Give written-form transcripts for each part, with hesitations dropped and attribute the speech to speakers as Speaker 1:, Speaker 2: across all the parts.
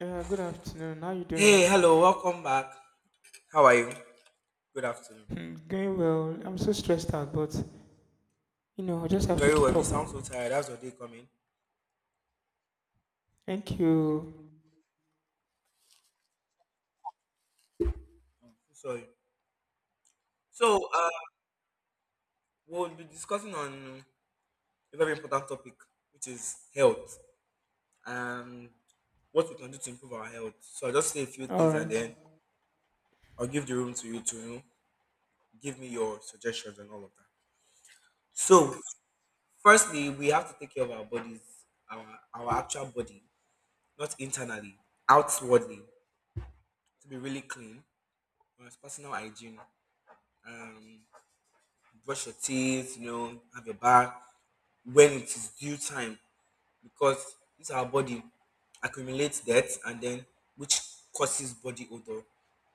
Speaker 1: Yeah, good afternoon. How you doing?
Speaker 2: Hey, hello, welcome back. How are you? Good afternoon.
Speaker 1: Going well. I'm so stressed out, but I just
Speaker 2: I'm
Speaker 1: have to
Speaker 2: very
Speaker 1: keep
Speaker 2: well. You
Speaker 1: up.
Speaker 2: sound so tired. How's your day coming?
Speaker 1: Thank you.
Speaker 2: So sorry. So, uh, we'll be discussing on a very important topic, which is health and what we can do to improve our health. So, I'll just say a few
Speaker 1: All
Speaker 2: things and
Speaker 1: right.
Speaker 2: then I'll give the room to you to give me your suggestions and all of that. So, firstly, we have to take care of our bodies, our actual body, not internally, outwardly, to be really clean, personal hygiene. Um, Brush your teeth, you know, have your bath when it is due time because this our body accumulates debt and then which causes body odor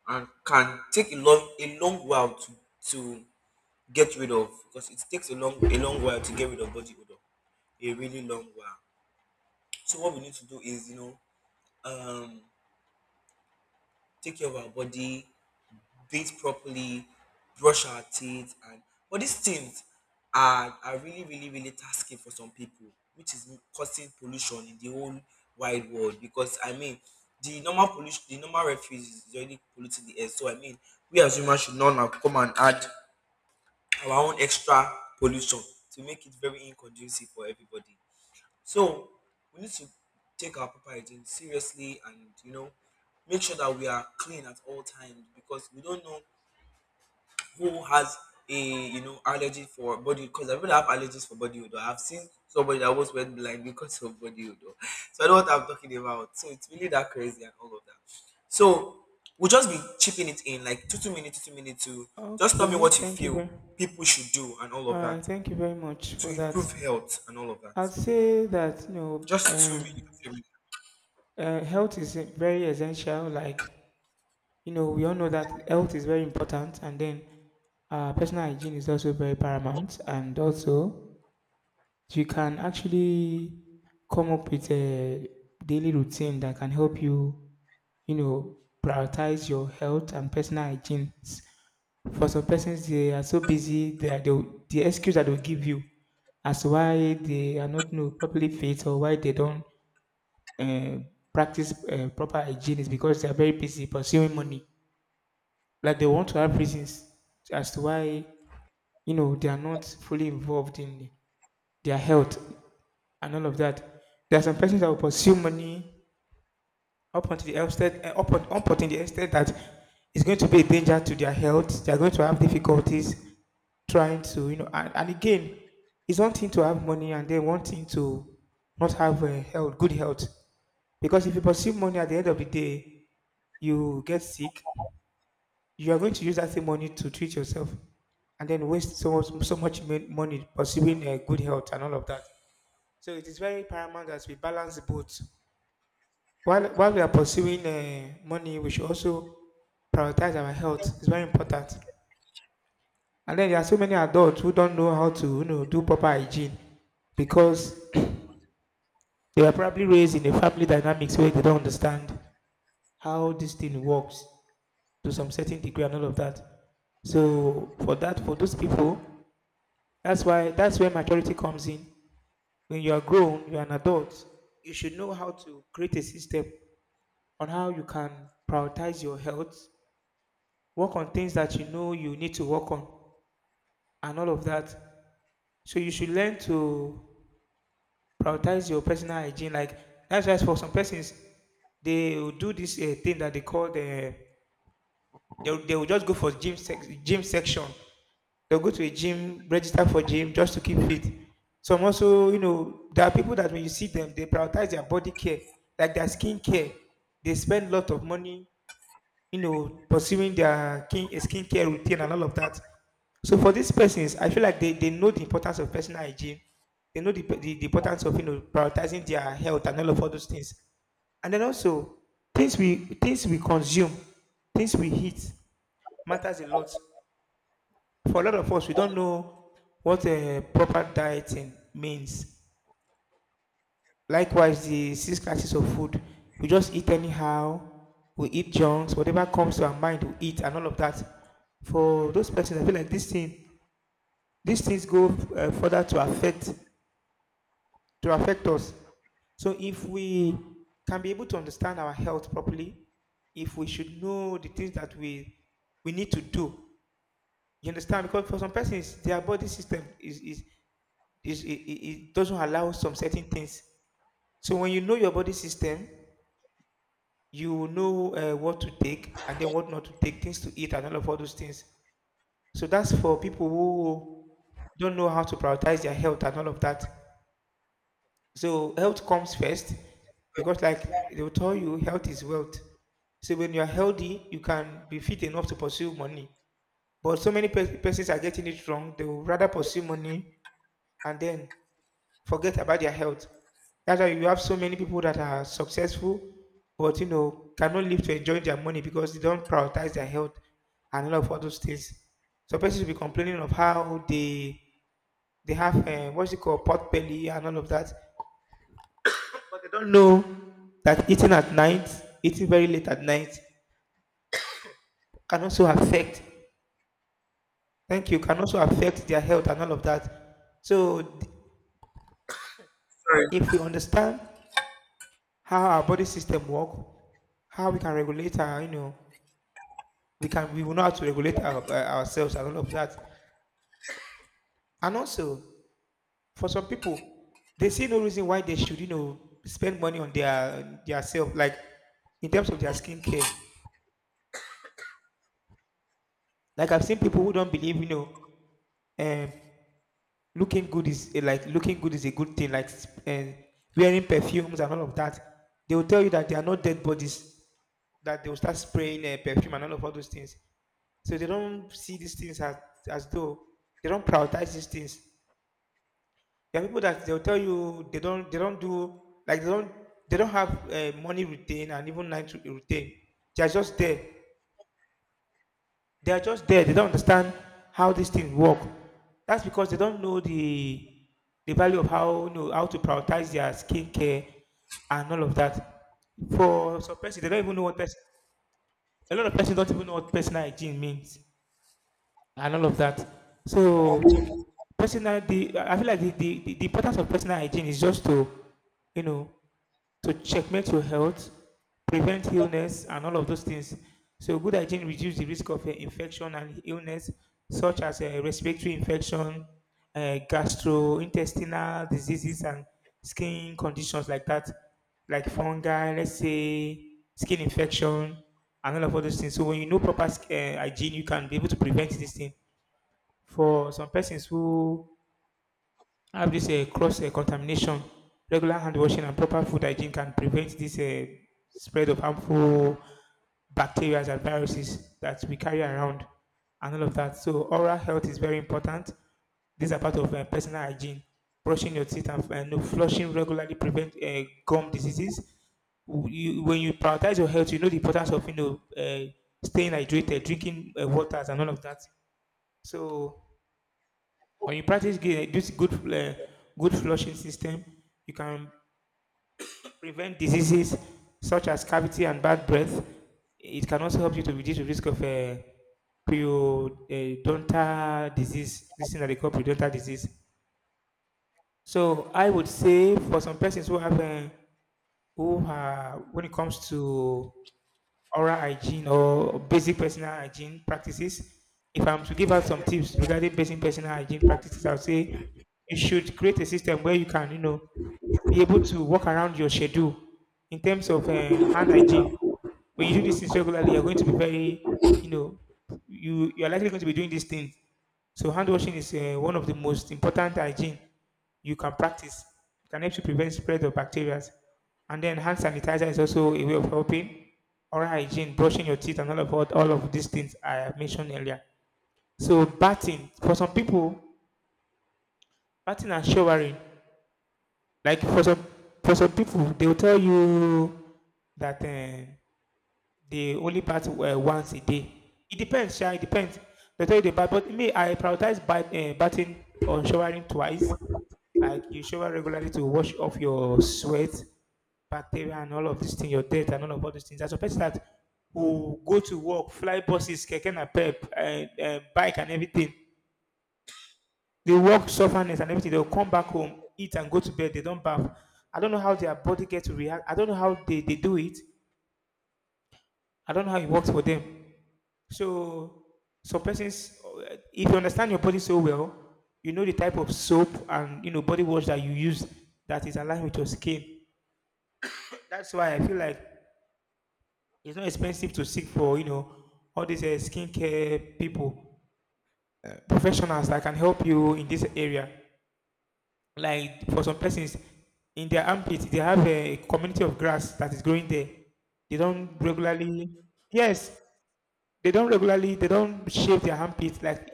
Speaker 2: and can take a long while to get rid of because it takes a long while to get rid of body odor a really long while. So what we need to do is, you know, um take care of our body, bathe properly, brush our teeth, and but these things are really tasking for some people, which is causing pollution in the whole wide world. Because I mean, the normal pollution, the normal refuse is already polluting the air. So I mean, we as humans should not now come and add our own extra pollution to make it very inconducive for everybody. So we need to take our proper hygiene seriously, and you know, make sure that we are clean at all times, because we don't know who has a, you know, allergy for body, because I really have allergies for body odor. I've seen somebody that almost went blind because of body odor. So I know what I'm talking about. So it's really that crazy and all of that. So we'll just be chipping it in like two minutes, two minutes to just tell me
Speaker 1: Okay.
Speaker 2: what you
Speaker 1: Thank you
Speaker 2: feel
Speaker 1: very.
Speaker 2: people should do and all
Speaker 1: All
Speaker 2: of
Speaker 1: right.
Speaker 2: that
Speaker 1: Thank you very much
Speaker 2: to
Speaker 1: for that.
Speaker 2: improve health and all of that.
Speaker 1: I'd say that
Speaker 2: Just 2 minutes, 3 minutes.
Speaker 1: health is very essential. Like you know, we all know that health is very important, and then personal hygiene is also very paramount, and also you can actually come up with a daily routine that can help you, you know, prioritize your health and personal hygiene. For some persons, they are so busy that the excuse that they'll give you as to why they are not, you know, properly fit or why they don't uh, practice proper hygiene is because they are very busy pursuing money. Like they want to have reasons as to why you know they are not fully involved in their health and all of that. There are some persons that will pursue money up until the extent, up until the extent that it's going to be a danger to their health. They are going to have difficulties trying to, you know, and again, it's one thing to have money and then one thing to not have health, good health. Because if you pursue money at the end of the day, you get sick, you are going to use that same money to treat yourself and then waste so much, money pursuing good health and all of that. So it is very paramount that we balance both. While we are pursuing money, we should also prioritize our health. It's very important. And then there are so many adults who don't know how to, you know, do proper hygiene because they were probably raised in a family dynamics where they don't understand how this thing works to some certain degree and all of that. So for those people, that's where maturity comes in. When you are grown, you are an adult. You should know how to create a system on how you can prioritize your health, work on things that you know you need to work on and all of that. So you should learn to prioritize your personal hygiene. Like that's why for some persons, they will do this thing that they call they will just go for gym section. They'll go to a gym, register for gym just to keep fit. Some also, you know, there are people that when you see them, they prioritize their body care, like their skin care. They spend a lot of money, you know, pursuing their skincare routine and all of that. So for these persons, I feel like they know the importance of personal hygiene. They know the importance of you know prioritizing their health and all of all those things. And then also things we consume, things we eat matters a lot. For a lot of us, we don't know what a proper dieting means. Likewise, the six classes of food. We just eat anyhow. We eat junks, whatever comes to our mind, we eat, and all of that. For those persons, I feel like these things go further to affect us. So if we can be able to understand our health properly, if we should know the things that we need to do, you understand? Because for some persons, their body system is it, it it doesn't allow some certain things. So when you know your body system, you will know what to take and then what not to take, things to eat and all of all those things. So that's for people who don't know how to prioritize their health and all of that. So health comes first because like they will tell you health is wealth. So when you are healthy, you can be fit enough to pursue money. But so many persons are getting it wrong. They will rather pursue money and then forget about their health. That's why you have so many people that are successful, but you know, cannot live to enjoy their money because they don't prioritize their health and all of all those things. So persons will be complaining of how they have what's it called pot belly and all of that, but they don't know that eating very late at night, can also affect. Thank you. Can also affect their health and all of that. So
Speaker 2: Sorry.
Speaker 1: if we understand how our body system work, how we can regulate our, we will know how to regulate our, ourselves and all of that. And also, for some people, they see no reason why they should, you know, spend money on their self, like in terms of their skincare. Like I've seen people who don't believe, you know, um, looking like looking good is a good thing, like uh, wearing perfumes and all of that. They will tell you that they are not dead bodies that they will start spraying perfume and all of all those things. So they don't see these things as though they don't prioritize these things. There are people that they'll tell you they don't do, like they don't they don't have money routine and even routine. They are just there. They are just there. They don't understand how these things work. That's because they don't know the value of how you know how to prioritize their skincare and all of that. For some person, they don't even know what person. A lot of persons don't even know what personal hygiene means and all of that. So, personal, the I feel like the importance of personal hygiene is just to, you know, to checkmate your health, prevent illness, and all of those things. So, good hygiene reduces the risk of infection and illness, such as respiratory infection, gastrointestinal diseases, and skin conditions like that, like fungi, let's say skin infection, and all of all those things. So, when you know proper hygiene, you can be able to prevent this thing. For some persons who I have this cross contamination. Regular hand washing and proper food hygiene can prevent this spread of harmful bacteria and viruses that we carry around and all of that. So, oral health is very important. These are part of personal hygiene. Brushing your teeth and no flushing regularly prevent gum diseases. You, when you prioritize your health, you know the importance of you know staying hydrated, drinking waters, and all of that. So when you practice gi- this good good flushing system, you can prevent diseases such as cavity and bad breath. It can also help you to reduce the risk of periodontal disease, this thing that they call periodontal disease. So I would say for some persons who have who are when it comes to oral hygiene or basic personal hygiene practices. If I'm to give out some tips regarding basic personal hygiene practices, I'll say you should create a system where you can, you know, be able to work around your schedule in terms of hand hygiene. When you do these things regularly, you're going to be very, you know, you're likely going to be doing these things. So hand washing is one of the most important hygiene you can practice. It can help to prevent spread of bacteria. And then hand sanitizer is also a way of helping. Oral hygiene, brushing your teeth, and all of these things I have mentioned earlier. So bathing for some people, bathing and showering. Like for some people, they will tell you that they only bath once a day. It depends, sha. It depends. They tell you they bath, but me, I prioritize bathing or showering twice. Like you shower regularly to wash off your sweat, bacteria and all of these things, your death and all of all these things. As a person that who go to work, fly buses, keke napep, bike and everything, they work sufferness and everything. They'll come back home, eat and go to bed. They don't bath. I don't know how their body gets to react. I don't know how they do it. I don't know how it works for them. So some persons, if you understand your body so well, you know the type of soap and you know body wash that you use that is aligned with your skin. That's why I feel like it's not expensive to seek for, all these skincare people, professionals that can help you in this area. Like for some persons, in their armpits, they have a community of grass that is growing there. They don't regularly, yes, they don't regularly, they don't shave their armpits. Like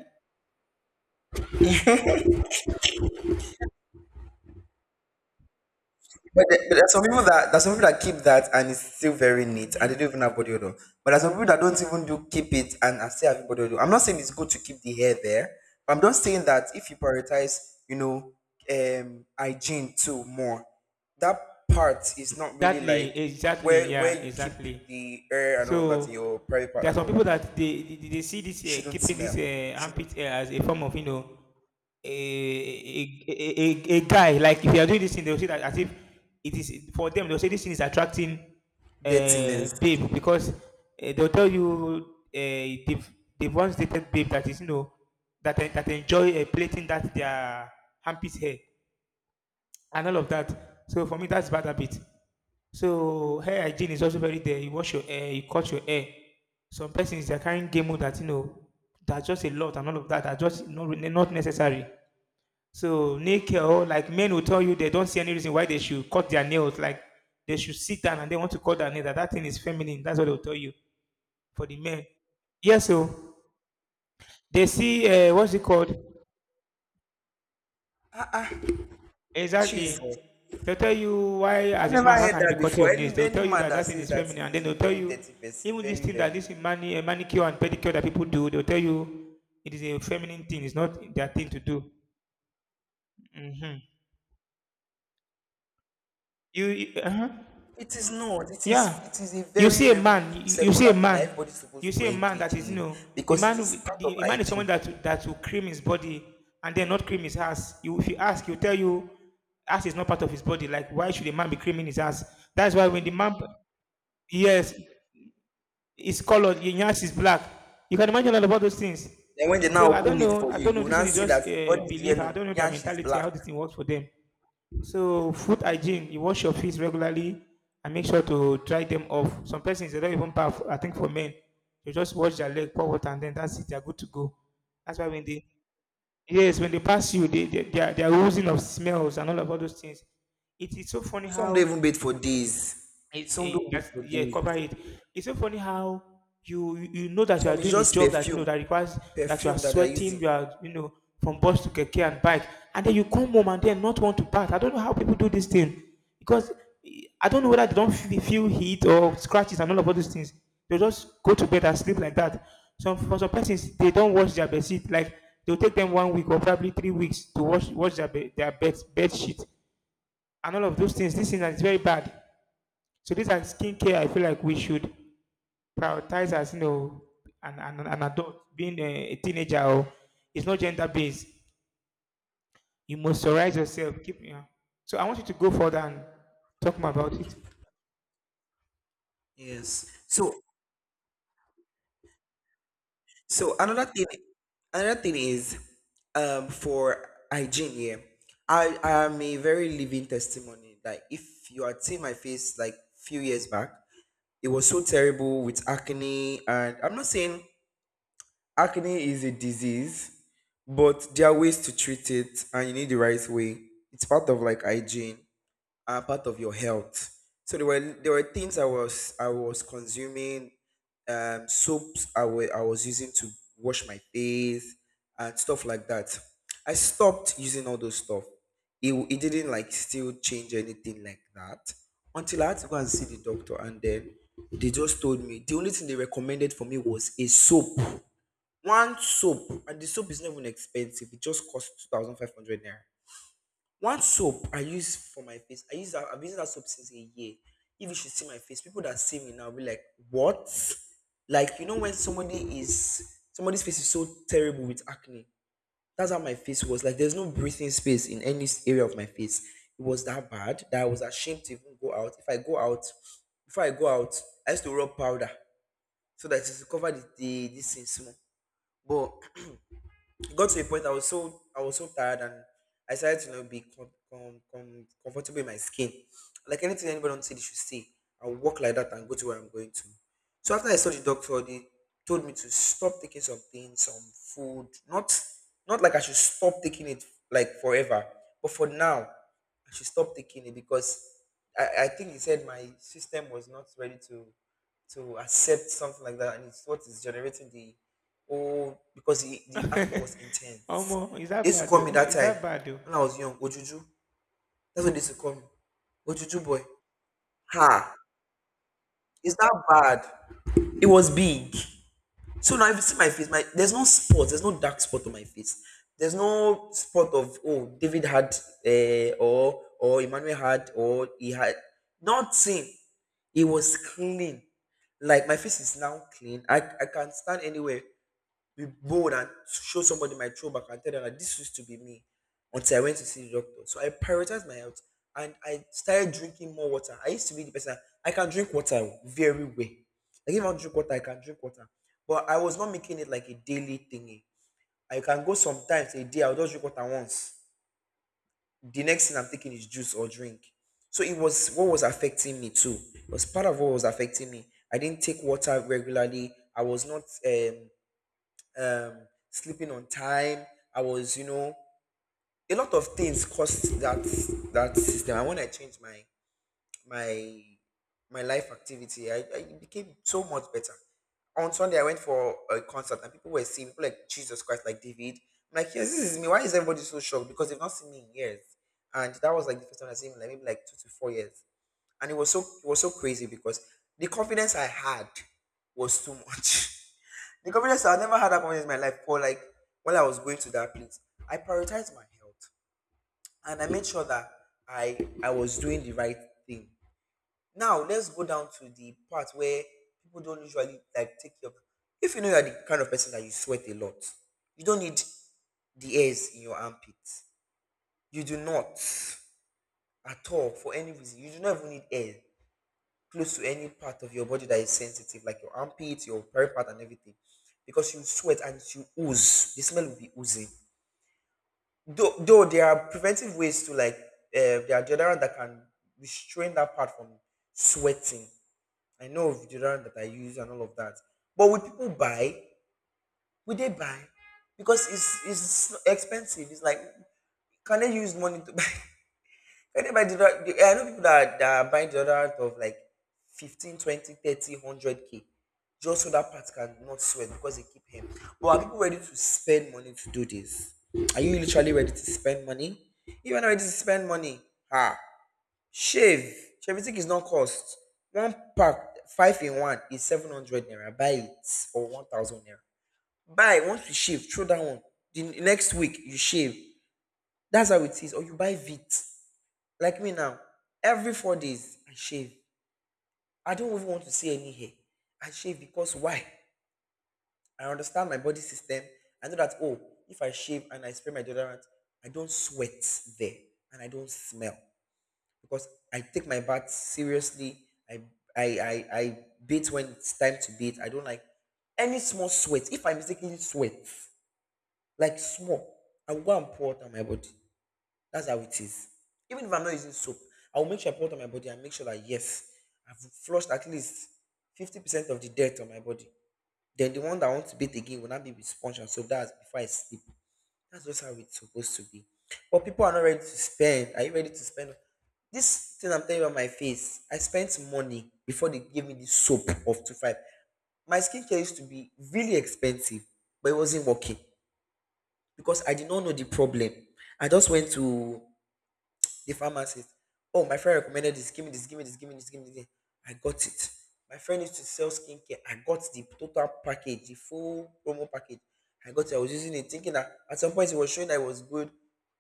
Speaker 2: But, but there's some people that keep that and it's still very neat and they don't even have body odor. But there's some people that don't even do keep it and are still having body odor. I'm not saying it's good to keep the hair there, but I'm just saying that if you prioritize, you know, hygiene too more, that part is not really like
Speaker 1: exactly, exactly,
Speaker 2: where
Speaker 1: yeah,
Speaker 2: you keep
Speaker 1: exactly.
Speaker 2: the hair and all of that
Speaker 1: So
Speaker 2: in your private part
Speaker 1: there are
Speaker 2: and
Speaker 1: some
Speaker 2: all
Speaker 1: people
Speaker 2: that
Speaker 1: that they see this
Speaker 2: shouldn't
Speaker 1: keeping
Speaker 2: smell,
Speaker 1: this
Speaker 2: shouldn't
Speaker 1: armpit hair as a form of a, a, a, a guy. Like if you are doing this thing, they'll see that as if it is for them. They'll say this thing is attracting
Speaker 2: dirtiness.
Speaker 1: babe, because they'll tell you they've once dated babe that is that enjoy plaiting that their armpit hair and all of that. So for me, that's bad habit. So hair hygiene is also very there. You wash your hair, you cut your hair. Some persons they are carrying game mode, that you know that's just a lot, and all of that are just not necessary. So nail care, like men will tell you they don't see any reason why they should cut their nails. Like they should sit down and they want to cut their nail. That thing is feminine. That's what they'll tell you for the men. Yes, so they see what's it called?
Speaker 2: Ah, ah,
Speaker 1: Exactly.
Speaker 2: Jesus.
Speaker 1: They'll tell you why, as
Speaker 2: I've
Speaker 1: a
Speaker 2: never
Speaker 1: man, how
Speaker 2: heard
Speaker 1: can you be
Speaker 2: that
Speaker 1: cutting your
Speaker 2: before. Any
Speaker 1: nails? They'll
Speaker 2: any
Speaker 1: tell you
Speaker 2: man
Speaker 1: that
Speaker 2: that
Speaker 1: that thing
Speaker 2: says
Speaker 1: is
Speaker 2: that
Speaker 1: feminine, and then
Speaker 2: is a
Speaker 1: they'll tell
Speaker 2: very
Speaker 1: you
Speaker 2: dirty person,
Speaker 1: even this
Speaker 2: very,
Speaker 1: thing, that
Speaker 2: very.
Speaker 1: this manicure and pedicure that people do. They'll tell you it is a feminine thing. It's not their thing to do. Hmm. You, uh,
Speaker 2: It is not. It is
Speaker 1: yeah.
Speaker 2: it is a
Speaker 1: You
Speaker 2: very,
Speaker 1: see a
Speaker 2: very
Speaker 1: man, you see a
Speaker 2: secular thing that
Speaker 1: man,
Speaker 2: everybody's
Speaker 1: you
Speaker 2: supposed to
Speaker 1: see a man that
Speaker 2: engage
Speaker 1: is, you
Speaker 2: in
Speaker 1: know, the
Speaker 2: because
Speaker 1: man,
Speaker 2: it is part of
Speaker 1: a man is someone
Speaker 2: hygiene.
Speaker 1: that will cream his body and then not cream his ass. You, if you ask, he'll tell you, ass is not part of his body. Like, why should a man be creaming his ass? That's why when the man, yes, is colored, his ass is black. You can imagine all about those things.
Speaker 2: Then when they now
Speaker 1: So I don't
Speaker 2: open it
Speaker 1: know,
Speaker 2: for
Speaker 1: I
Speaker 2: you,
Speaker 1: don't know.
Speaker 2: you will
Speaker 1: This
Speaker 2: now
Speaker 1: thing is
Speaker 2: see
Speaker 1: just
Speaker 2: that the body is
Speaker 1: belief. I
Speaker 2: yellow,
Speaker 1: don't know their
Speaker 2: yansh is
Speaker 1: mentality,
Speaker 2: black.
Speaker 1: how this thing works for them. So food hygiene, you wash your feet regularly and make sure to dry them off. Some persons they don't even bath. I think for men, they just wash their leg, pour water, and then that's it. They're good to go. That's why when they, yes, when they pass you, they are oozing of smells and all of all those things. It is so funny
Speaker 2: Some don't
Speaker 1: how
Speaker 2: even bathe for days. Some don't bathe for
Speaker 1: yeah,
Speaker 2: days.
Speaker 1: cover it. It's so funny how you know that you are
Speaker 2: Some is
Speaker 1: doing a
Speaker 2: just
Speaker 1: job that you know
Speaker 2: perfume,
Speaker 1: that requires that you are
Speaker 2: perfume that they're
Speaker 1: sweating,
Speaker 2: using.
Speaker 1: you are you know, from bus to keke and bike, and then you come home and then not want to bath. I don't know how people do this thing, because eh, I don't know whether they don't feel heat or scratches and all of all those things. They just go to bed and sleep like that. Some, for some persons, they don't wash their bed sheet. Like they'll take them 1 week or probably 3 weeks to wash their bed sheet and all of those things. This thing is very bad. So these are skincare, I feel like we should prioritize as you know an adult, being a teenager. Or, it's not gender based. You moisturize yourself. Keep, yeah. So I want you to go further and talk more about it.
Speaker 2: Yes. So another thing is, for hygiene here, I am a very living testimony. Like if you had seen my face like few years back, it was so terrible with acne, and I'm not saying acne is a disease, but there are ways to treat it, and you need the right way. It's part of like hygiene are part of your health. So there were things I was consuming, soaps I was using to wash my face and stuff like that. I stopped using all those stuff. It didn't like still change anything like that until I had to go and see the doctor and then they just told me the only thing they recommended for me was a soap. One soap, and the soap is not even expensive. It just costs 2,500 naira. One soap I use for my face. I've been using that soap since a year. If you should see my face, people that see me now be like, "What?" Like you know when somebody is somebody's face is so terrible with acne. That's how my face was. Like there's no breathing space in any area of my face. It was that bad that I was ashamed to even go out. If I go out, before I go out, I used to rub powder so that it will cover the this thing small. But it got to a point I was so tired and I started to, you know, be comfortable in my skin. Like anything anybody on city should see, I'll walk like that and go to where I'm going to. So after I saw the doctor, they told me to stop taking some things, some food. Not not like I should stop taking it like forever, but for now, I should stop taking it because I think he said my system was not ready to accept something like that, and it's what is generating the. Oh, because the acne was intense.
Speaker 1: Almost, is that
Speaker 2: They used to
Speaker 1: bad
Speaker 2: call me
Speaker 1: though?
Speaker 2: that
Speaker 1: Is
Speaker 2: time
Speaker 1: that bad though?
Speaker 2: when I was young, Ojuju. That's what they used to call me. Ojuju boy. Ha! Is that bad? It was big. So now if you see my face, my there's no spot, there's no dark spot on my face. There's no spot of oh David had or Emmanuel had or he had nothing. It was clean. Like my face is now clean. I can stand anywhere, be bold and show somebody my throwback and tell them that this used to be me until I went to see the doctor. So I prioritized my health and I started drinking more water. I used to be the person I can drink water very well. Like if I drink water, I can drink water. But I was not making it like a daily thingy. I can go sometimes a day, I'll just drink water once. The next thing I'm taking is juice or drink. So it was what was affecting me too. It was part of what was affecting me. I didn't take water regularly. I was not sleeping on time. I was, you know, a lot of things caused that system. And when I changed my my life activity, I it became so much better. On Sunday, I went for a concert, and people were seeing people like Jesus Christ, like David. I'm like, yes, this is me. Why is everybody so shocked? Because they've not seen me in years, and that was like the first time I seen him, like maybe like 2 to 4 years, and it was so crazy because the confidence I had was too much. The confidence, I never had that confidence in my life. For like while I was going to that place, I prioritized my health and I made sure that I was doing the right thing. Now let's go down to the part where people don't usually like take your. If you know you're the kind of person that you sweat a lot, you don't need the hairs in your armpits. You do not at all for any reason. You do not even need air close to any part of your body that is sensitive, like your armpits, your part, and everything, because you sweat and you ooze. The smell will be oozing. Though there are preventive ways to like, there are deodorant that can restrain that part from sweating. I know of deodorant that I use and all of that. But will people buy? Will they buy? Because it's expensive. It's like can they use money to buy. Anybody do not, I know people that are, buying deodorant of like 15, 20, 30, 100 k just so that part can not sweat because they keep him. But are people ready to spend money to do this? Are you literally ready to spend money? If you're not ready to spend money, ah, shave. Shaving is not cost. One pack, five in one, is 700 naira. Buy it or 1000 naira. Buy once you shave, throw that one. The next week, you shave. That's how it is. Or you buy Vit. Like me now, every 4 days I shave. I don't even want to see any hair. I shave because why? I understand my body system. I know that oh, if I shave and I spray my deodorant, I don't sweat there and I don't smell because I take my bath seriously. I I bathe when it's time to bathe. I don't like any small sweat. If I mistakenly sweat, like small, I will go and pour it on my body. That's how it is. Even if I'm not using soap, I will make sure I put on my body and make sure that yes, I've flushed at least 50% of the dirt on my body. Then the one that I want to bathe again will not be with sponge and soap. That's before I sleep. That's just how it's supposed to be. But people are not ready to spend. Are you ready to spend? This thing I'm telling you about my face, I spent money before they gave me the soap of 2-5. My skincare used to be really expensive, but it wasn't working because I did not know the problem. I just went to the pharmacist. Oh, my friend recommended this. Give me this. Give me this. Give me this. Give me this. I got it. My friend used to sell skincare. I got the total package, the full promo package. I got it. I was using it, thinking that at some point it was showing that it was good.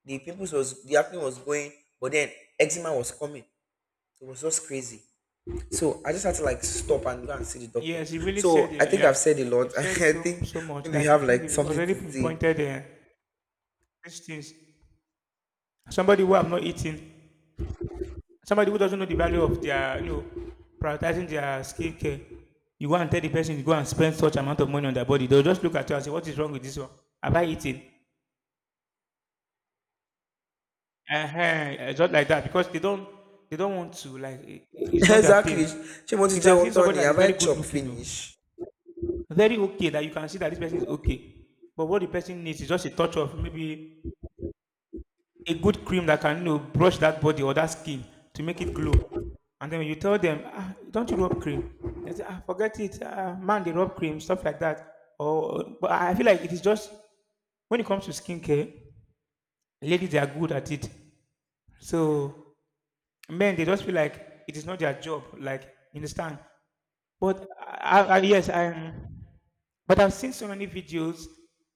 Speaker 2: The pimples was the acne was going, but then eczema was coming. It was just crazy. So I just had to like stop and go and see the doctor.
Speaker 1: Yes, you really said
Speaker 2: So I
Speaker 1: it.
Speaker 2: think
Speaker 1: Yeah,
Speaker 2: I've said a
Speaker 1: you've
Speaker 2: lot. I
Speaker 1: said so
Speaker 2: think
Speaker 1: so much.
Speaker 2: maybe you
Speaker 1: Like
Speaker 2: have
Speaker 1: I think
Speaker 2: like
Speaker 1: you've
Speaker 2: something to
Speaker 1: already
Speaker 2: say.
Speaker 1: pinpointed these things. Somebody who have not eaten, somebody who doesn't know the value of their, you know, prioritizing their skin care, you go and tell the person to go and spend such amount of money on their body, they'll just look at you and say, "What is wrong with this one? Have I eaten?" Just like that, because they don't want to like. It's not their
Speaker 2: Exactly.
Speaker 1: thing.
Speaker 2: She wants
Speaker 1: You
Speaker 2: to
Speaker 1: can
Speaker 2: jail
Speaker 1: see
Speaker 2: on
Speaker 1: somebody
Speaker 2: Tony.
Speaker 1: that is
Speaker 2: Have I
Speaker 1: very good
Speaker 2: chopped
Speaker 1: looking, you know,
Speaker 2: finish?
Speaker 1: very okay, that you can see that this person is okay, but what the person needs is just a touch of maybe a good cream that can you know, brush that body or that skin to make it glow. And then when you tell them, ah, don't you rub cream? They say, ah, forget it, ah, man, they rub cream, stuff like that. Or, but I feel like it is just, when it comes to skincare, ladies they are good at it. So men they just feel like it is not their job. Like you understand? But I, yes, I. But I've seen so many videos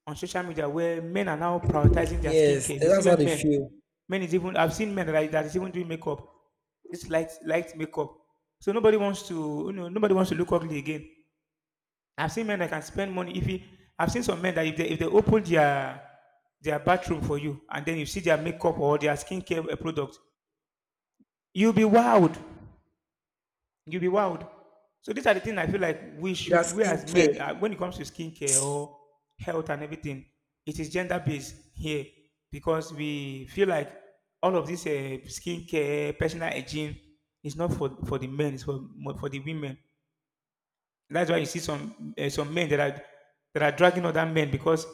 Speaker 1: on social media where men are now prioritizing their
Speaker 2: Yes,
Speaker 1: skincare. You see
Speaker 2: that's how
Speaker 1: when
Speaker 2: they
Speaker 1: men,
Speaker 2: feel.
Speaker 1: men is even, I've seen men that, that is even doing makeup, this light makeup. So nobody wants to you know, nobody wants to look ugly again. I've seen men that can spend money if he, I've seen some men that if they open their bathroom for you and then you see their makeup or their skincare eh, product, you'll be wowed. You'll be wowed. So these are the things I feel like we
Speaker 2: Their
Speaker 1: should, we as
Speaker 2: skincare.
Speaker 1: men, when it comes to skincare or health and everything, it is gender based here because we feel like all of this skincare, personal hygiene is not for, for the men, it's for for the women. That's why you see some men that are dragging other men because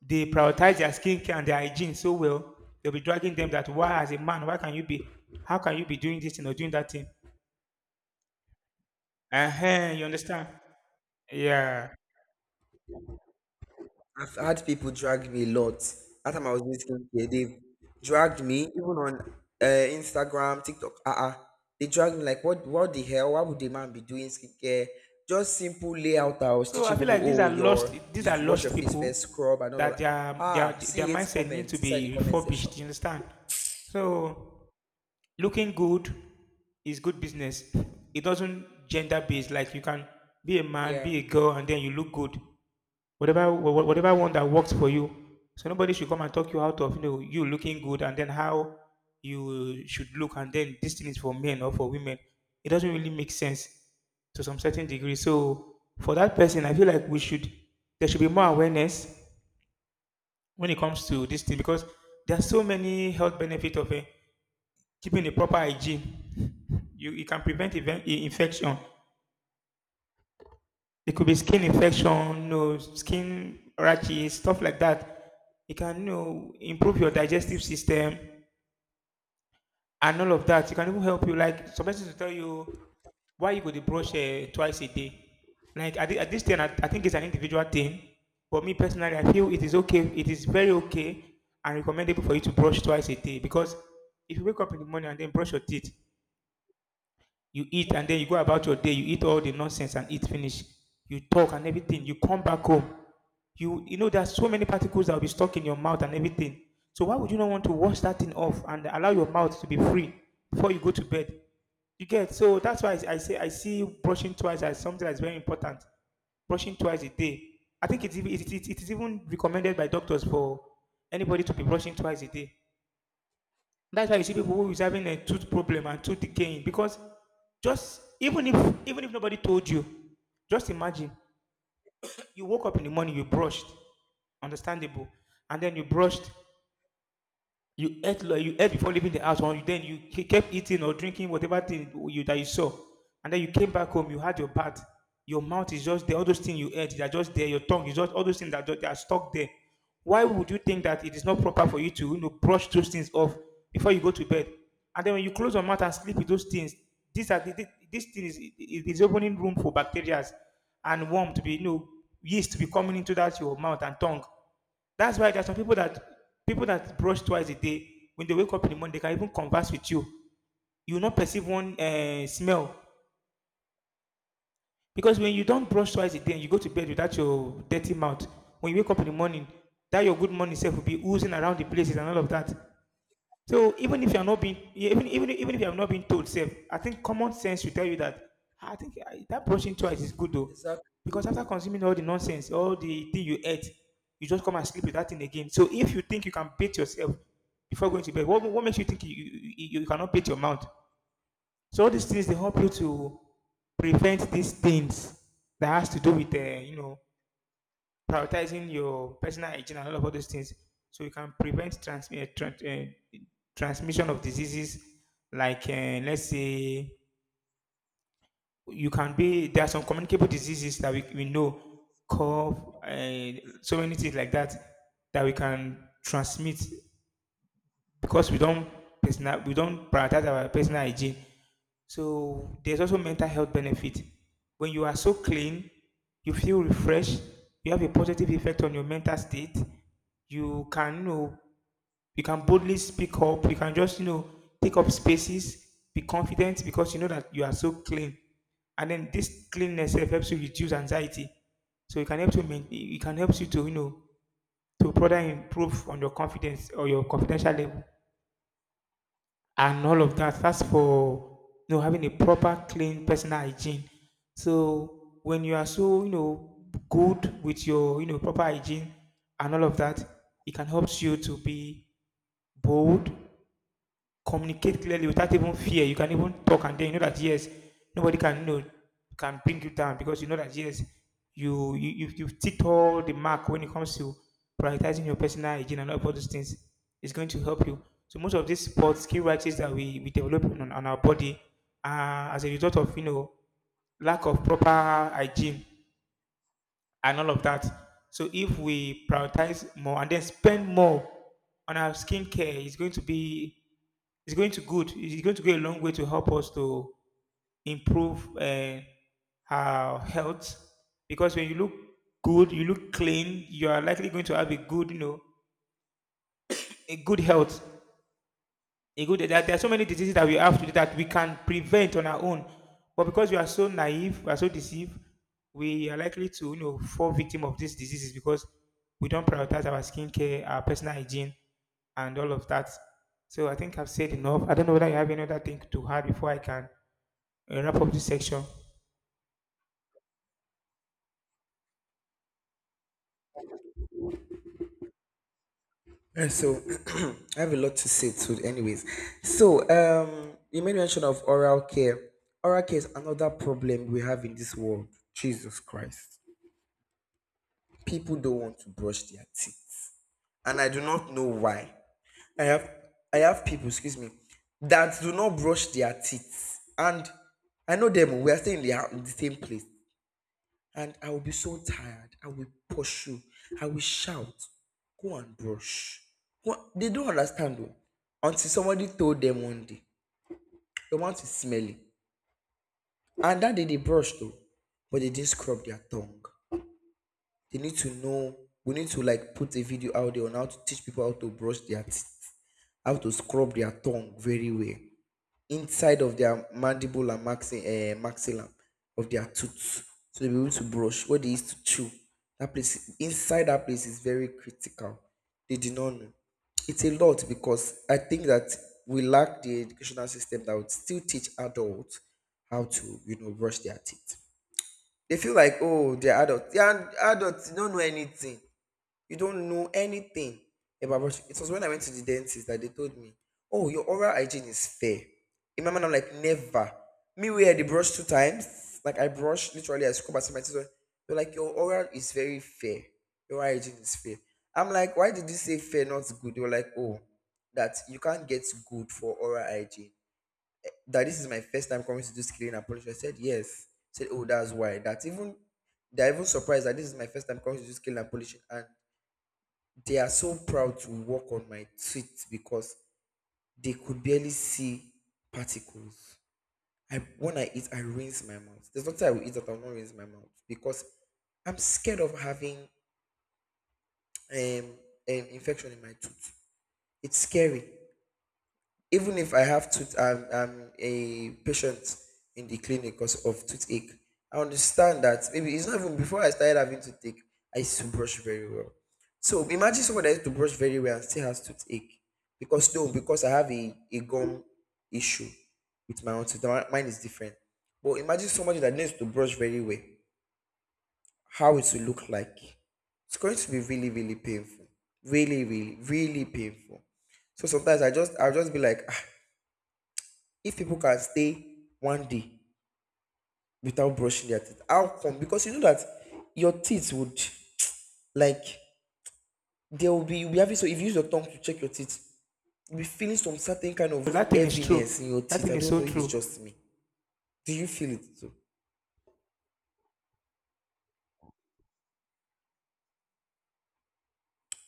Speaker 1: they prioritize their skincare and their hygiene so well. They'll be dragging them that why as a man, why can you be, how can you be doing this thing or doing that thing? Uh-huh, you understand? Yeah.
Speaker 2: I've had people drag me a lot. That time I was doing skincare, they dragged me even on Instagram, TikTok. Uh-uh. They dragged me like, what? What the hell? Why would the man be doing skincare? Just simple layout. I was
Speaker 1: So I
Speaker 2: teaching
Speaker 1: feel
Speaker 2: people.
Speaker 1: like
Speaker 2: Oh,
Speaker 1: these
Speaker 2: you
Speaker 1: are
Speaker 2: should wash your
Speaker 1: lost
Speaker 2: face
Speaker 1: people
Speaker 2: first, scrub, and all of
Speaker 1: that
Speaker 2: that. Ah,
Speaker 1: their
Speaker 2: see, it's
Speaker 1: mindset need to
Speaker 2: comments inside the
Speaker 1: be
Speaker 2: comment section.
Speaker 1: refurbished, you understand? So looking good is good business. It doesn't gender based, like you can be a man,
Speaker 2: Yeah.
Speaker 1: be a girl, and then you look good. What about whatever one that works for you? So nobody should come and talk you out of you know you looking good and then how you should look, and then this thing is for men or for women. It doesn't really make sense to some certain degree. So for that person, I feel like we should there should be more awareness when it comes to this thing, because there are so many health benefits of eh, keeping a proper hygiene. You can prevent even infection. It could be skin infection, no skin rashes, stuff like that. It can you know, improve your digestive
Speaker 2: Yes.
Speaker 1: system and all of that. It can even help you. Like some persons will tell you why you go to brush twice a day. Like at, at this thing, I think it's an individual thing. For me personally, I feel it is okay. It is very okay and recommendable for you to brush twice a day, because if you wake up in the morning and then brush your teeth, you eat and then you go about your day. You eat all the nonsense and eat finish. You talk and everything. You come back home. You know there's so many particles that will be stuck in your mouth and everything. So why would you not want to wash that thing off and allow your mouth to be free before you go to bed? You get, so that's why I say I see brushing twice as something that's very important. Brushing twice a day. I think it's it is even recommended by doctors for anybody to be brushing twice a day. That's why you see people who is having a tooth problem and tooth decaying because just even if nobody told you, just imagine you woke up in the morning, you brushed, understandable, and then you brushed, you ate before leaving the house, or then you kept eating or drinking whatever thing you that you saw, and then you came back home. You had your bath. Your mouth is just there. All those things you ate, they are just there. Your tongue is just all those things that they are stuck there. Why would you think that it is not proper for you to you know brush those things off before you go to bed? And then when you close your mouth and sleep with those things, these are this thing is it is opening room for bacteria and worm to be you know yeast to be coming into that your mouth and tongue. That's why there are some people that brush twice a day. When they wake up in the morning, they can even converse with you. You will not perceive one smell, because when you don't brush twice a day and you go to bed without your dirty mouth, when you wake up in the morning, that your good morning self will be oozing around the places and all of that. So even if you are not being even if you have not been told, safe, I think common sense should tell you that. "Ah, I think that brushing twice is good though,
Speaker 2: Exactly.
Speaker 1: because after consuming all the nonsense, all the thing you ate, you just come and sleep with that thing again. So if you think you can beat yourself before going to bed, what makes you think you cannot beat your mouth? So all these things they help you to prevent these things that has to do with you know prioritizing your personal hygiene and all of all those things, so you can prevent transmission of diseases, like let's say you can be there are some communicable diseases that we know, cough, so many things like that that we can transmit because we don't personal we don't prioritize our personal hygiene. So there's also mental health benefit. When you are so clean, you feel refreshed. You have a positive effect on your mental state. You can, you know, you can boldly speak up. You can just, you know, take up spaces. Be confident because you know that you are so clean. And then this cleanness sef helps you reduce anxiety. So it can help you it can help you to you know to further improve on your confidence or your confidential level and all of that. That's for you know having a proper, clean personal hygiene. So when you are so you know good with your you know proper hygiene and all of that, it can help you to be bold, communicate clearly without even fear. You can even talk and then you know that yes, nobody can you know can bring you down because you know that yes, you've ticked all the mark when it comes to prioritizing your personal hygiene and all of those things. It's going to help you. So most of these sports skill writers that we develop on our body are as a result of you know lack of proper hygiene and all of that. So if we prioritize more and then spend more on our skincare, it's going to be it's going to good. It's going to go a long way to help us to improve our health, because when you look good, you look clean, you are likely going to have a good, you know, a good health. A good. There are so many diseases that we have today that we can prevent on our own, but because we are so naive, we are so deceived, we are likely to, you know, fall victim of these diseases because we don't prioritize our skincare, our personal hygiene, and all of that. So I think I've said enough. I don't know whether you have any other thing to add before I can wrap up this section.
Speaker 2: And so I have a lot to say too, anyways. So you made mention of oral care. Oral care is another problem we have in this world. Jesus Christ. People don't want to brush their teeth. And I do not know why. I have I have people, excuse me, that do not brush their teeth. And I know them, we are staying in the, in the same place and I will be so tired. I will pursue. I will shout, go and brush. What they don't understand though. Until somebody told them one day, your mouth is smelly. And that day they brushed though, but they didn't scrub their tongue. They need to know. We need to like put a video out there on how to teach people how to brush their teeth, how to scrub their tongue very well. Inside of their mandible and maxilla of their tooth, so they'll be able to brush what they used to chew. That place, inside that place is very critical. They did not know. It's a lot because I think that we lack the educational system that would still teach adults how to you know brush their teeth. They feel like, oh, they're adults, they don't know anything. You don't know anything about brushing. It was when I went to the dentist that they told me, "Oh, your oral hygiene is fair." In my mind, I'm like, "Never." Me, where they brush two times, like I brush literally, I scrub as my teeth they're like, "Your oral is very fair. Your oral hygiene is fair." I'm like, "Why did you say fair, not good?" They were like, "Oh, that you can't get good for oral hygiene." That this is my first time coming to this clinic and polish. I said yes. I said, "Oh, that's why." That even they're even surprised that this is my first time coming to this clinic and polishing, and they are so proud to work on my teeth because they could barely see particles. I when I eat, I rinse my mouth. There's nothing I will eat that I'll not rinse my mouth because I'm scared of having um, infection in my tooth. It's scary. Even if I have tooth, I'm a patient in the clinic because of toothache. I understand that maybe it's not even before I started having toothache, I used to brush very well. So imagine someone that used to brush very well and still has toothache because no, because I have a gum issue with my own tooth. Now, mine is different. But imagine somebody that needs to brush very well, how it will look like. It's going to be really, really painful. Really, really, really painful. So sometimes I'll just be like, "Ah, if people can stay one day without brushing their teeth, how come? Because you know that your teeth would like, they will be, you'll be having, so if you use your tongue to check your teeth, you'll be feeling some certain kind
Speaker 1: So
Speaker 2: of
Speaker 1: that thing is true.
Speaker 2: heaviness in your
Speaker 1: That
Speaker 2: teeth.
Speaker 1: thing
Speaker 2: I
Speaker 1: is
Speaker 2: don't
Speaker 1: so
Speaker 2: know if it's
Speaker 1: true.
Speaker 2: just me. Do you feel it too?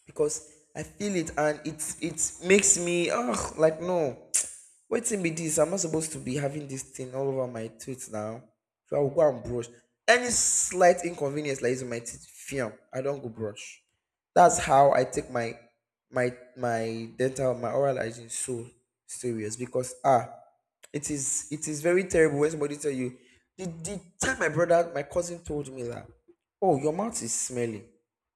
Speaker 2: Because I feel it, and it, it makes me oh like no. Wait till be this, I'm not supposed to be having this thing all over my teeth now, so I will go and brush. Any slight inconvenience like this with my teeth, fiam I don't go brush. That's how I take my dental, my oral hygiene so serious, because ah, it is very terrible when somebody tell you the time my brother, my cousin told me that, oh, your mouth is smelly.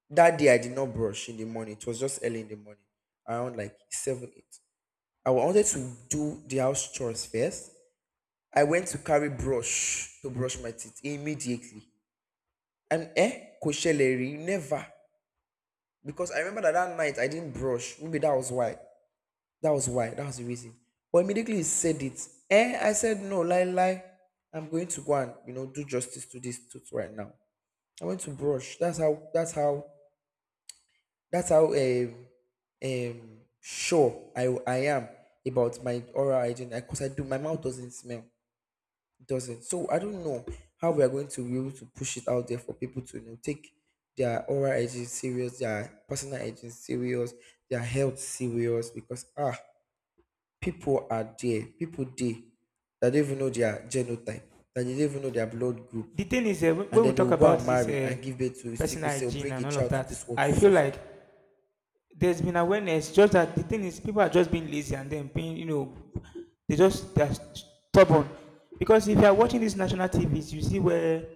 Speaker 2: That day I did not brush in the morning. It was just early in the morning, around like seven, eight. I wanted to do the house chores first. I went to carry brush to brush my teeth immediately. And eh, kosheleri, never. Because I remember that that night I didn't brush. Maybe that was why. That was why. That was the reason. But immediately he said it. Eh, I said no, lie, lie. I'm going to go and you know do justice to this tooth right now. I went to brush. That's how sure I am about my oral hygiene, because I do my mouth doesn't smell, it doesn't. So I don't know how we are going to be able to push it out there for people to you know take their oral hygiene serious, their personal hygiene serious, their health serious. Because ah, people there that don't even know their genotype, that they don't even know their blood group,
Speaker 1: The thing is,
Speaker 2: and
Speaker 1: when we
Speaker 2: then they
Speaker 1: talk
Speaker 2: will go
Speaker 1: about
Speaker 2: and
Speaker 1: this
Speaker 2: marry and give birth to a sickle
Speaker 1: personal
Speaker 2: cell,
Speaker 1: hygiene
Speaker 2: bring
Speaker 1: and
Speaker 2: a
Speaker 1: all of
Speaker 2: child to
Speaker 1: that,
Speaker 2: this world to
Speaker 1: I feel
Speaker 2: suffer.
Speaker 1: like there's been awareness. Just that the thing is, people are just being lazy and then being, you know, they're stubborn. Because if you are watching these national TVs, you see where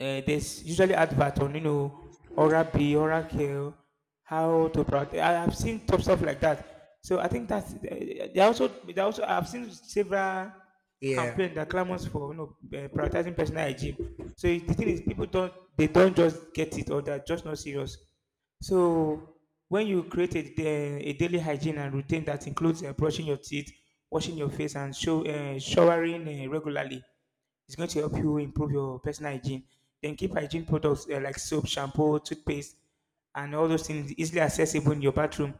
Speaker 1: there's usually advert on you know oral B, oral care, how to protect. I have seen top stuff like that. So I think that's they also I've seen several
Speaker 2: Yeah.
Speaker 1: campaign that clamors for you know prioritizing personal hygiene. So the thing is, people don't they don't just get it or they're just not serious. So when you create a, a daily hygiene and routine that includes brushing your teeth, washing your face, and showering regularly, it's going to help you improve your personal hygiene. Then keep hygiene products like soap, shampoo, toothpaste, and all those things easily accessible in your bathroom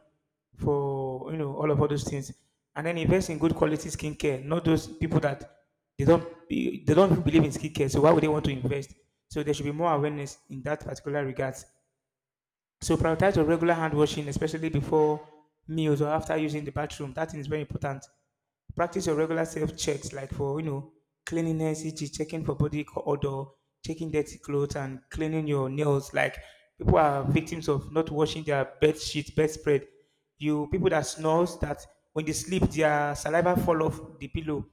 Speaker 1: for you know all of all those things. And then invest in good quality skincare. Not those people that they don't believe in skincare, so why would they want to invest? So there should be more awareness in that particular regards. So prioritize your regular hand washing, especially before meals or after using the bathroom. That thing is very important. Practice your regular self checks, like for you know cleanliness, e.g., checking for body odor, checking dirty clothes, and cleaning your nails. Like people are victims of not washing their bed sheet, bedspread. You people that snores that when they sleep, their saliva fall off the pillow.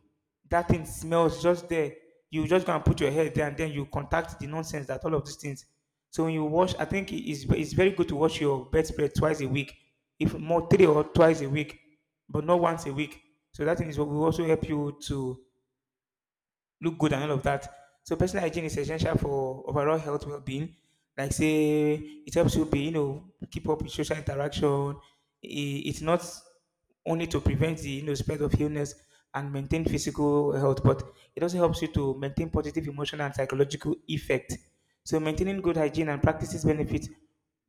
Speaker 1: That thing smells just there. You just go and put your head there, and then you contact the nonsense that all of these things. So when you wash, I think it's very good to wash your bedspread twice a week, if more three or twice a week, but not once a week. So that thing is what will also help you to look good and all of that. So personal hygiene is essential for overall health well-being. Like say, it helps you be, you know, keep up with social interaction. It's not only to prevent the, you know, spread of illness and maintain physical health, but it also helps you to maintain positive emotional and psychological effect. So maintaining good hygiene and practices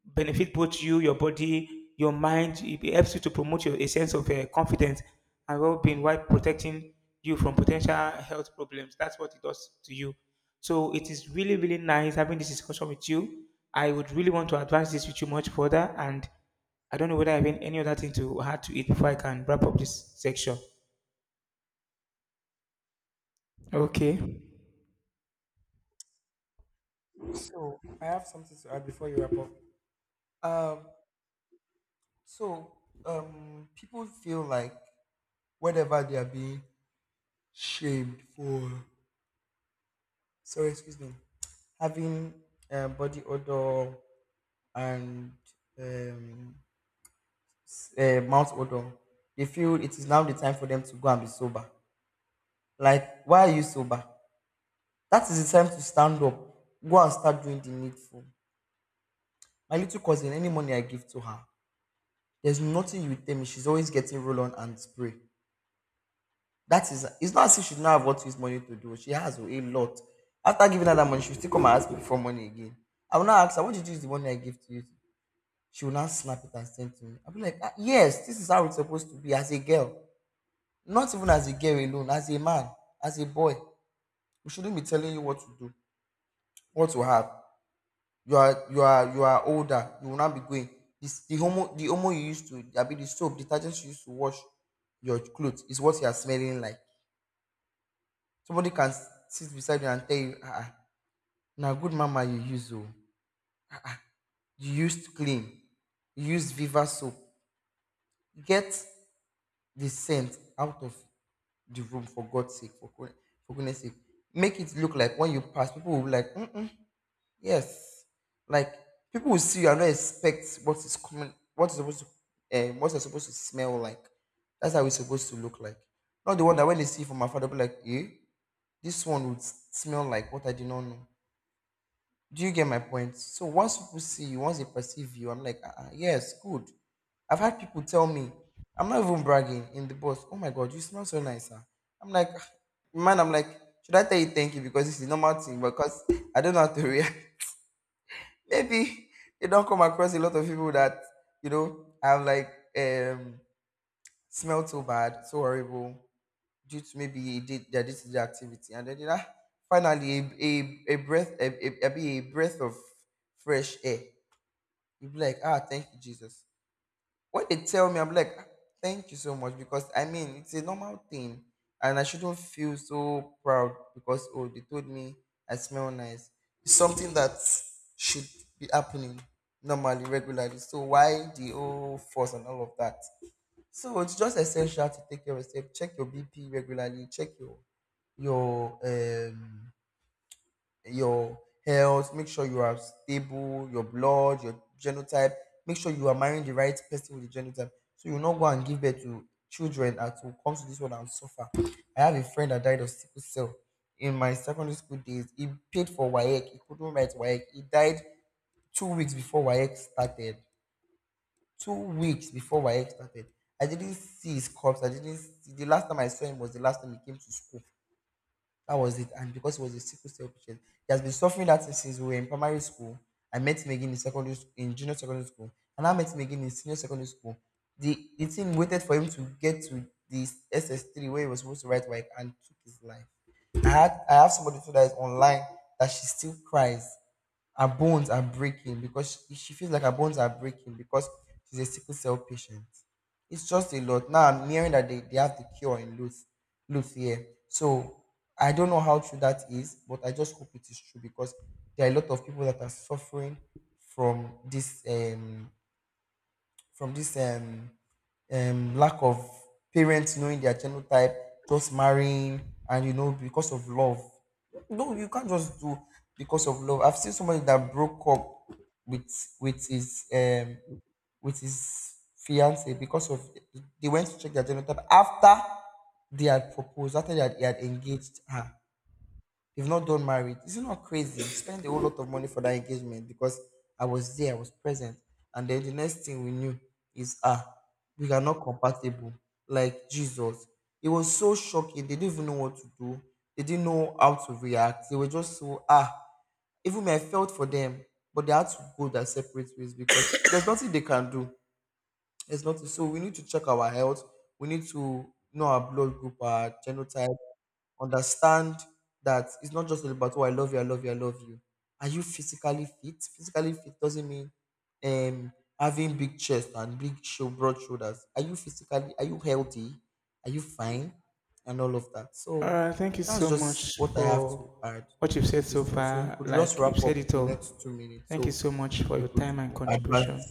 Speaker 1: benefit both you, your body, your mind. It helps you to promote your, a sense of confidence and well-being while protecting you from potential health problems. That's what it does to you. So it is really, really nice having this discussion with you. I would really want to advance this with you much further, and I don't know whether I have any other thing to add to it before I can wrap up this section. Okay.
Speaker 2: So I have something to add before you wrap up. Um, so people feel like whenever they are being shamed for, sorry, excuse me, having body odor and um, mouth odor, they feel it is now the time for them to go and be sober. Like, why are you sober? That is the time to stand up, go and start doing the needful. My little cousin, any money I give to her, there's nothing you will tell me. She's always getting roll on and spray. That is, it's not as if she did not have what to use money to do. She has a lot. After giving her that money, she will still come and ask me for money again. I will now ask her, what did you use the money I gave to you? She will now snap it and send to me. I'll be like, "Ah, yes, this is how it's supposed to be as a girl. Not even as a girl alone, as a man, as a boy. We shouldn't be telling you what to do, what to have. You are older, you will not be going this, the homo you used to I mean, the soap detergent you used to wash your clothes is what you are smelling like. Somebody can sit beside you and tell you, ah, ah, na good mama you use, oh, you used clean, you used Viva soap. Get the scent out of the room for God's sake, for goodness sake. Make it look like when you pass, people will be like, mm. Yes. Like, people will see you and not expect what is coming, what is supposed to, what you're supposed to smell like. That's how it's supposed to look like. Not the one that when they see from afar, they'll be like, eh, this one would smell like what I did not know. Do you get my point? So once people see you, once they perceive you, I'm like, ah, ah, yes, good. I've had people tell me, I'm not even bragging, in the bus, oh my God, you smell so nice, huh? I'm like, ah, man, I'm like, should I tell you thank you because this is normal thing? Because I don't know how to react. Maybe you don't come across a lot of people that have like um smelled so bad, so horrible due to maybe did their day-to-day activity, and then finally a breath of fresh air. You'll be like, ah, thank you, Jesus. When they tell me, I'm like, "Ah, thank you so much, because I mean, it's a normal thing and I shouldn't feel so proud because, oh, they told me I smell nice. It's something that should be happening normally, regularly. So why the whole force and all of that? So it's just essential to take care of yourself, check your BP regularly, check your, um, your health, make sure you are stable, your blood, your genotype, make sure you are marrying the right person with the genotype. So you will not go and give birth to children that will come to this world and suffer. I have a friend that died of sickle cell in my secondary school days. He paid for WAEC, he couldn't write WAEC. He died 2 weeks before WAEC started. 2 weeks before WAEC started. I didn't see his corpse. I didn't see, the last time I saw him was the last time he came to school. That was it. And because he was a sickle cell patient, he has been suffering that since we were in primary school. I met him again in secondary school, in junior secondary school, and I met him again in senior secondary school. The team waited for him to get to the SS3, where he was supposed to write, work and took his life. I have somebody too that is online, that she still cries, her bones are breaking, because she feels like her bones are breaking because she's a sickle cell patient. It's just a lot. Now I'm hearing that they have the cure in Luth here. So I don't know how true that is, but I just hope it is true, because there are a lot of people that are suffering from this from this um, lack of parents knowing their genotype, just marrying, and because of love. No, you can't just do because of love. I've seen somebody that broke up with with his um with his fiance because of, they went to check their genotype after they had proposed, he had engaged her. They've not done marriage. Is it not crazy? Spend a whole lot of money for that engagement, because I was there, I was present. And then the next thing we knew is, ah, we are not compatible. Like, Jesus. It was so shocking. They didn't even know what to do. They didn't know how to react. They were just so ah. Even me, I felt for them, but they had to go their separate ways because there's nothing they can do. There's nothing. So we need to check our health. We need to know our blood group, our genotype, understand that it's not just about, oh, I love you, I love you, I love you. Are you physically fit? Physically fit doesn't mean um having big chest and big show broad shoulders. Are you physically are you healthy? Are you fine? And all of that. So
Speaker 1: Thank you
Speaker 2: that's
Speaker 1: so
Speaker 2: just
Speaker 1: much
Speaker 2: what I have to
Speaker 1: for
Speaker 2: add
Speaker 1: what you've
Speaker 2: for
Speaker 1: said so
Speaker 2: this one. So you
Speaker 1: far.
Speaker 2: could just
Speaker 1: Like you've
Speaker 2: wrap
Speaker 1: said
Speaker 2: up
Speaker 1: it
Speaker 2: in the
Speaker 1: all.
Speaker 2: next 2 minutes
Speaker 1: Thank you
Speaker 2: so
Speaker 1: so much for
Speaker 2: we
Speaker 1: your
Speaker 2: could
Speaker 1: time and
Speaker 2: advance.
Speaker 1: contribution.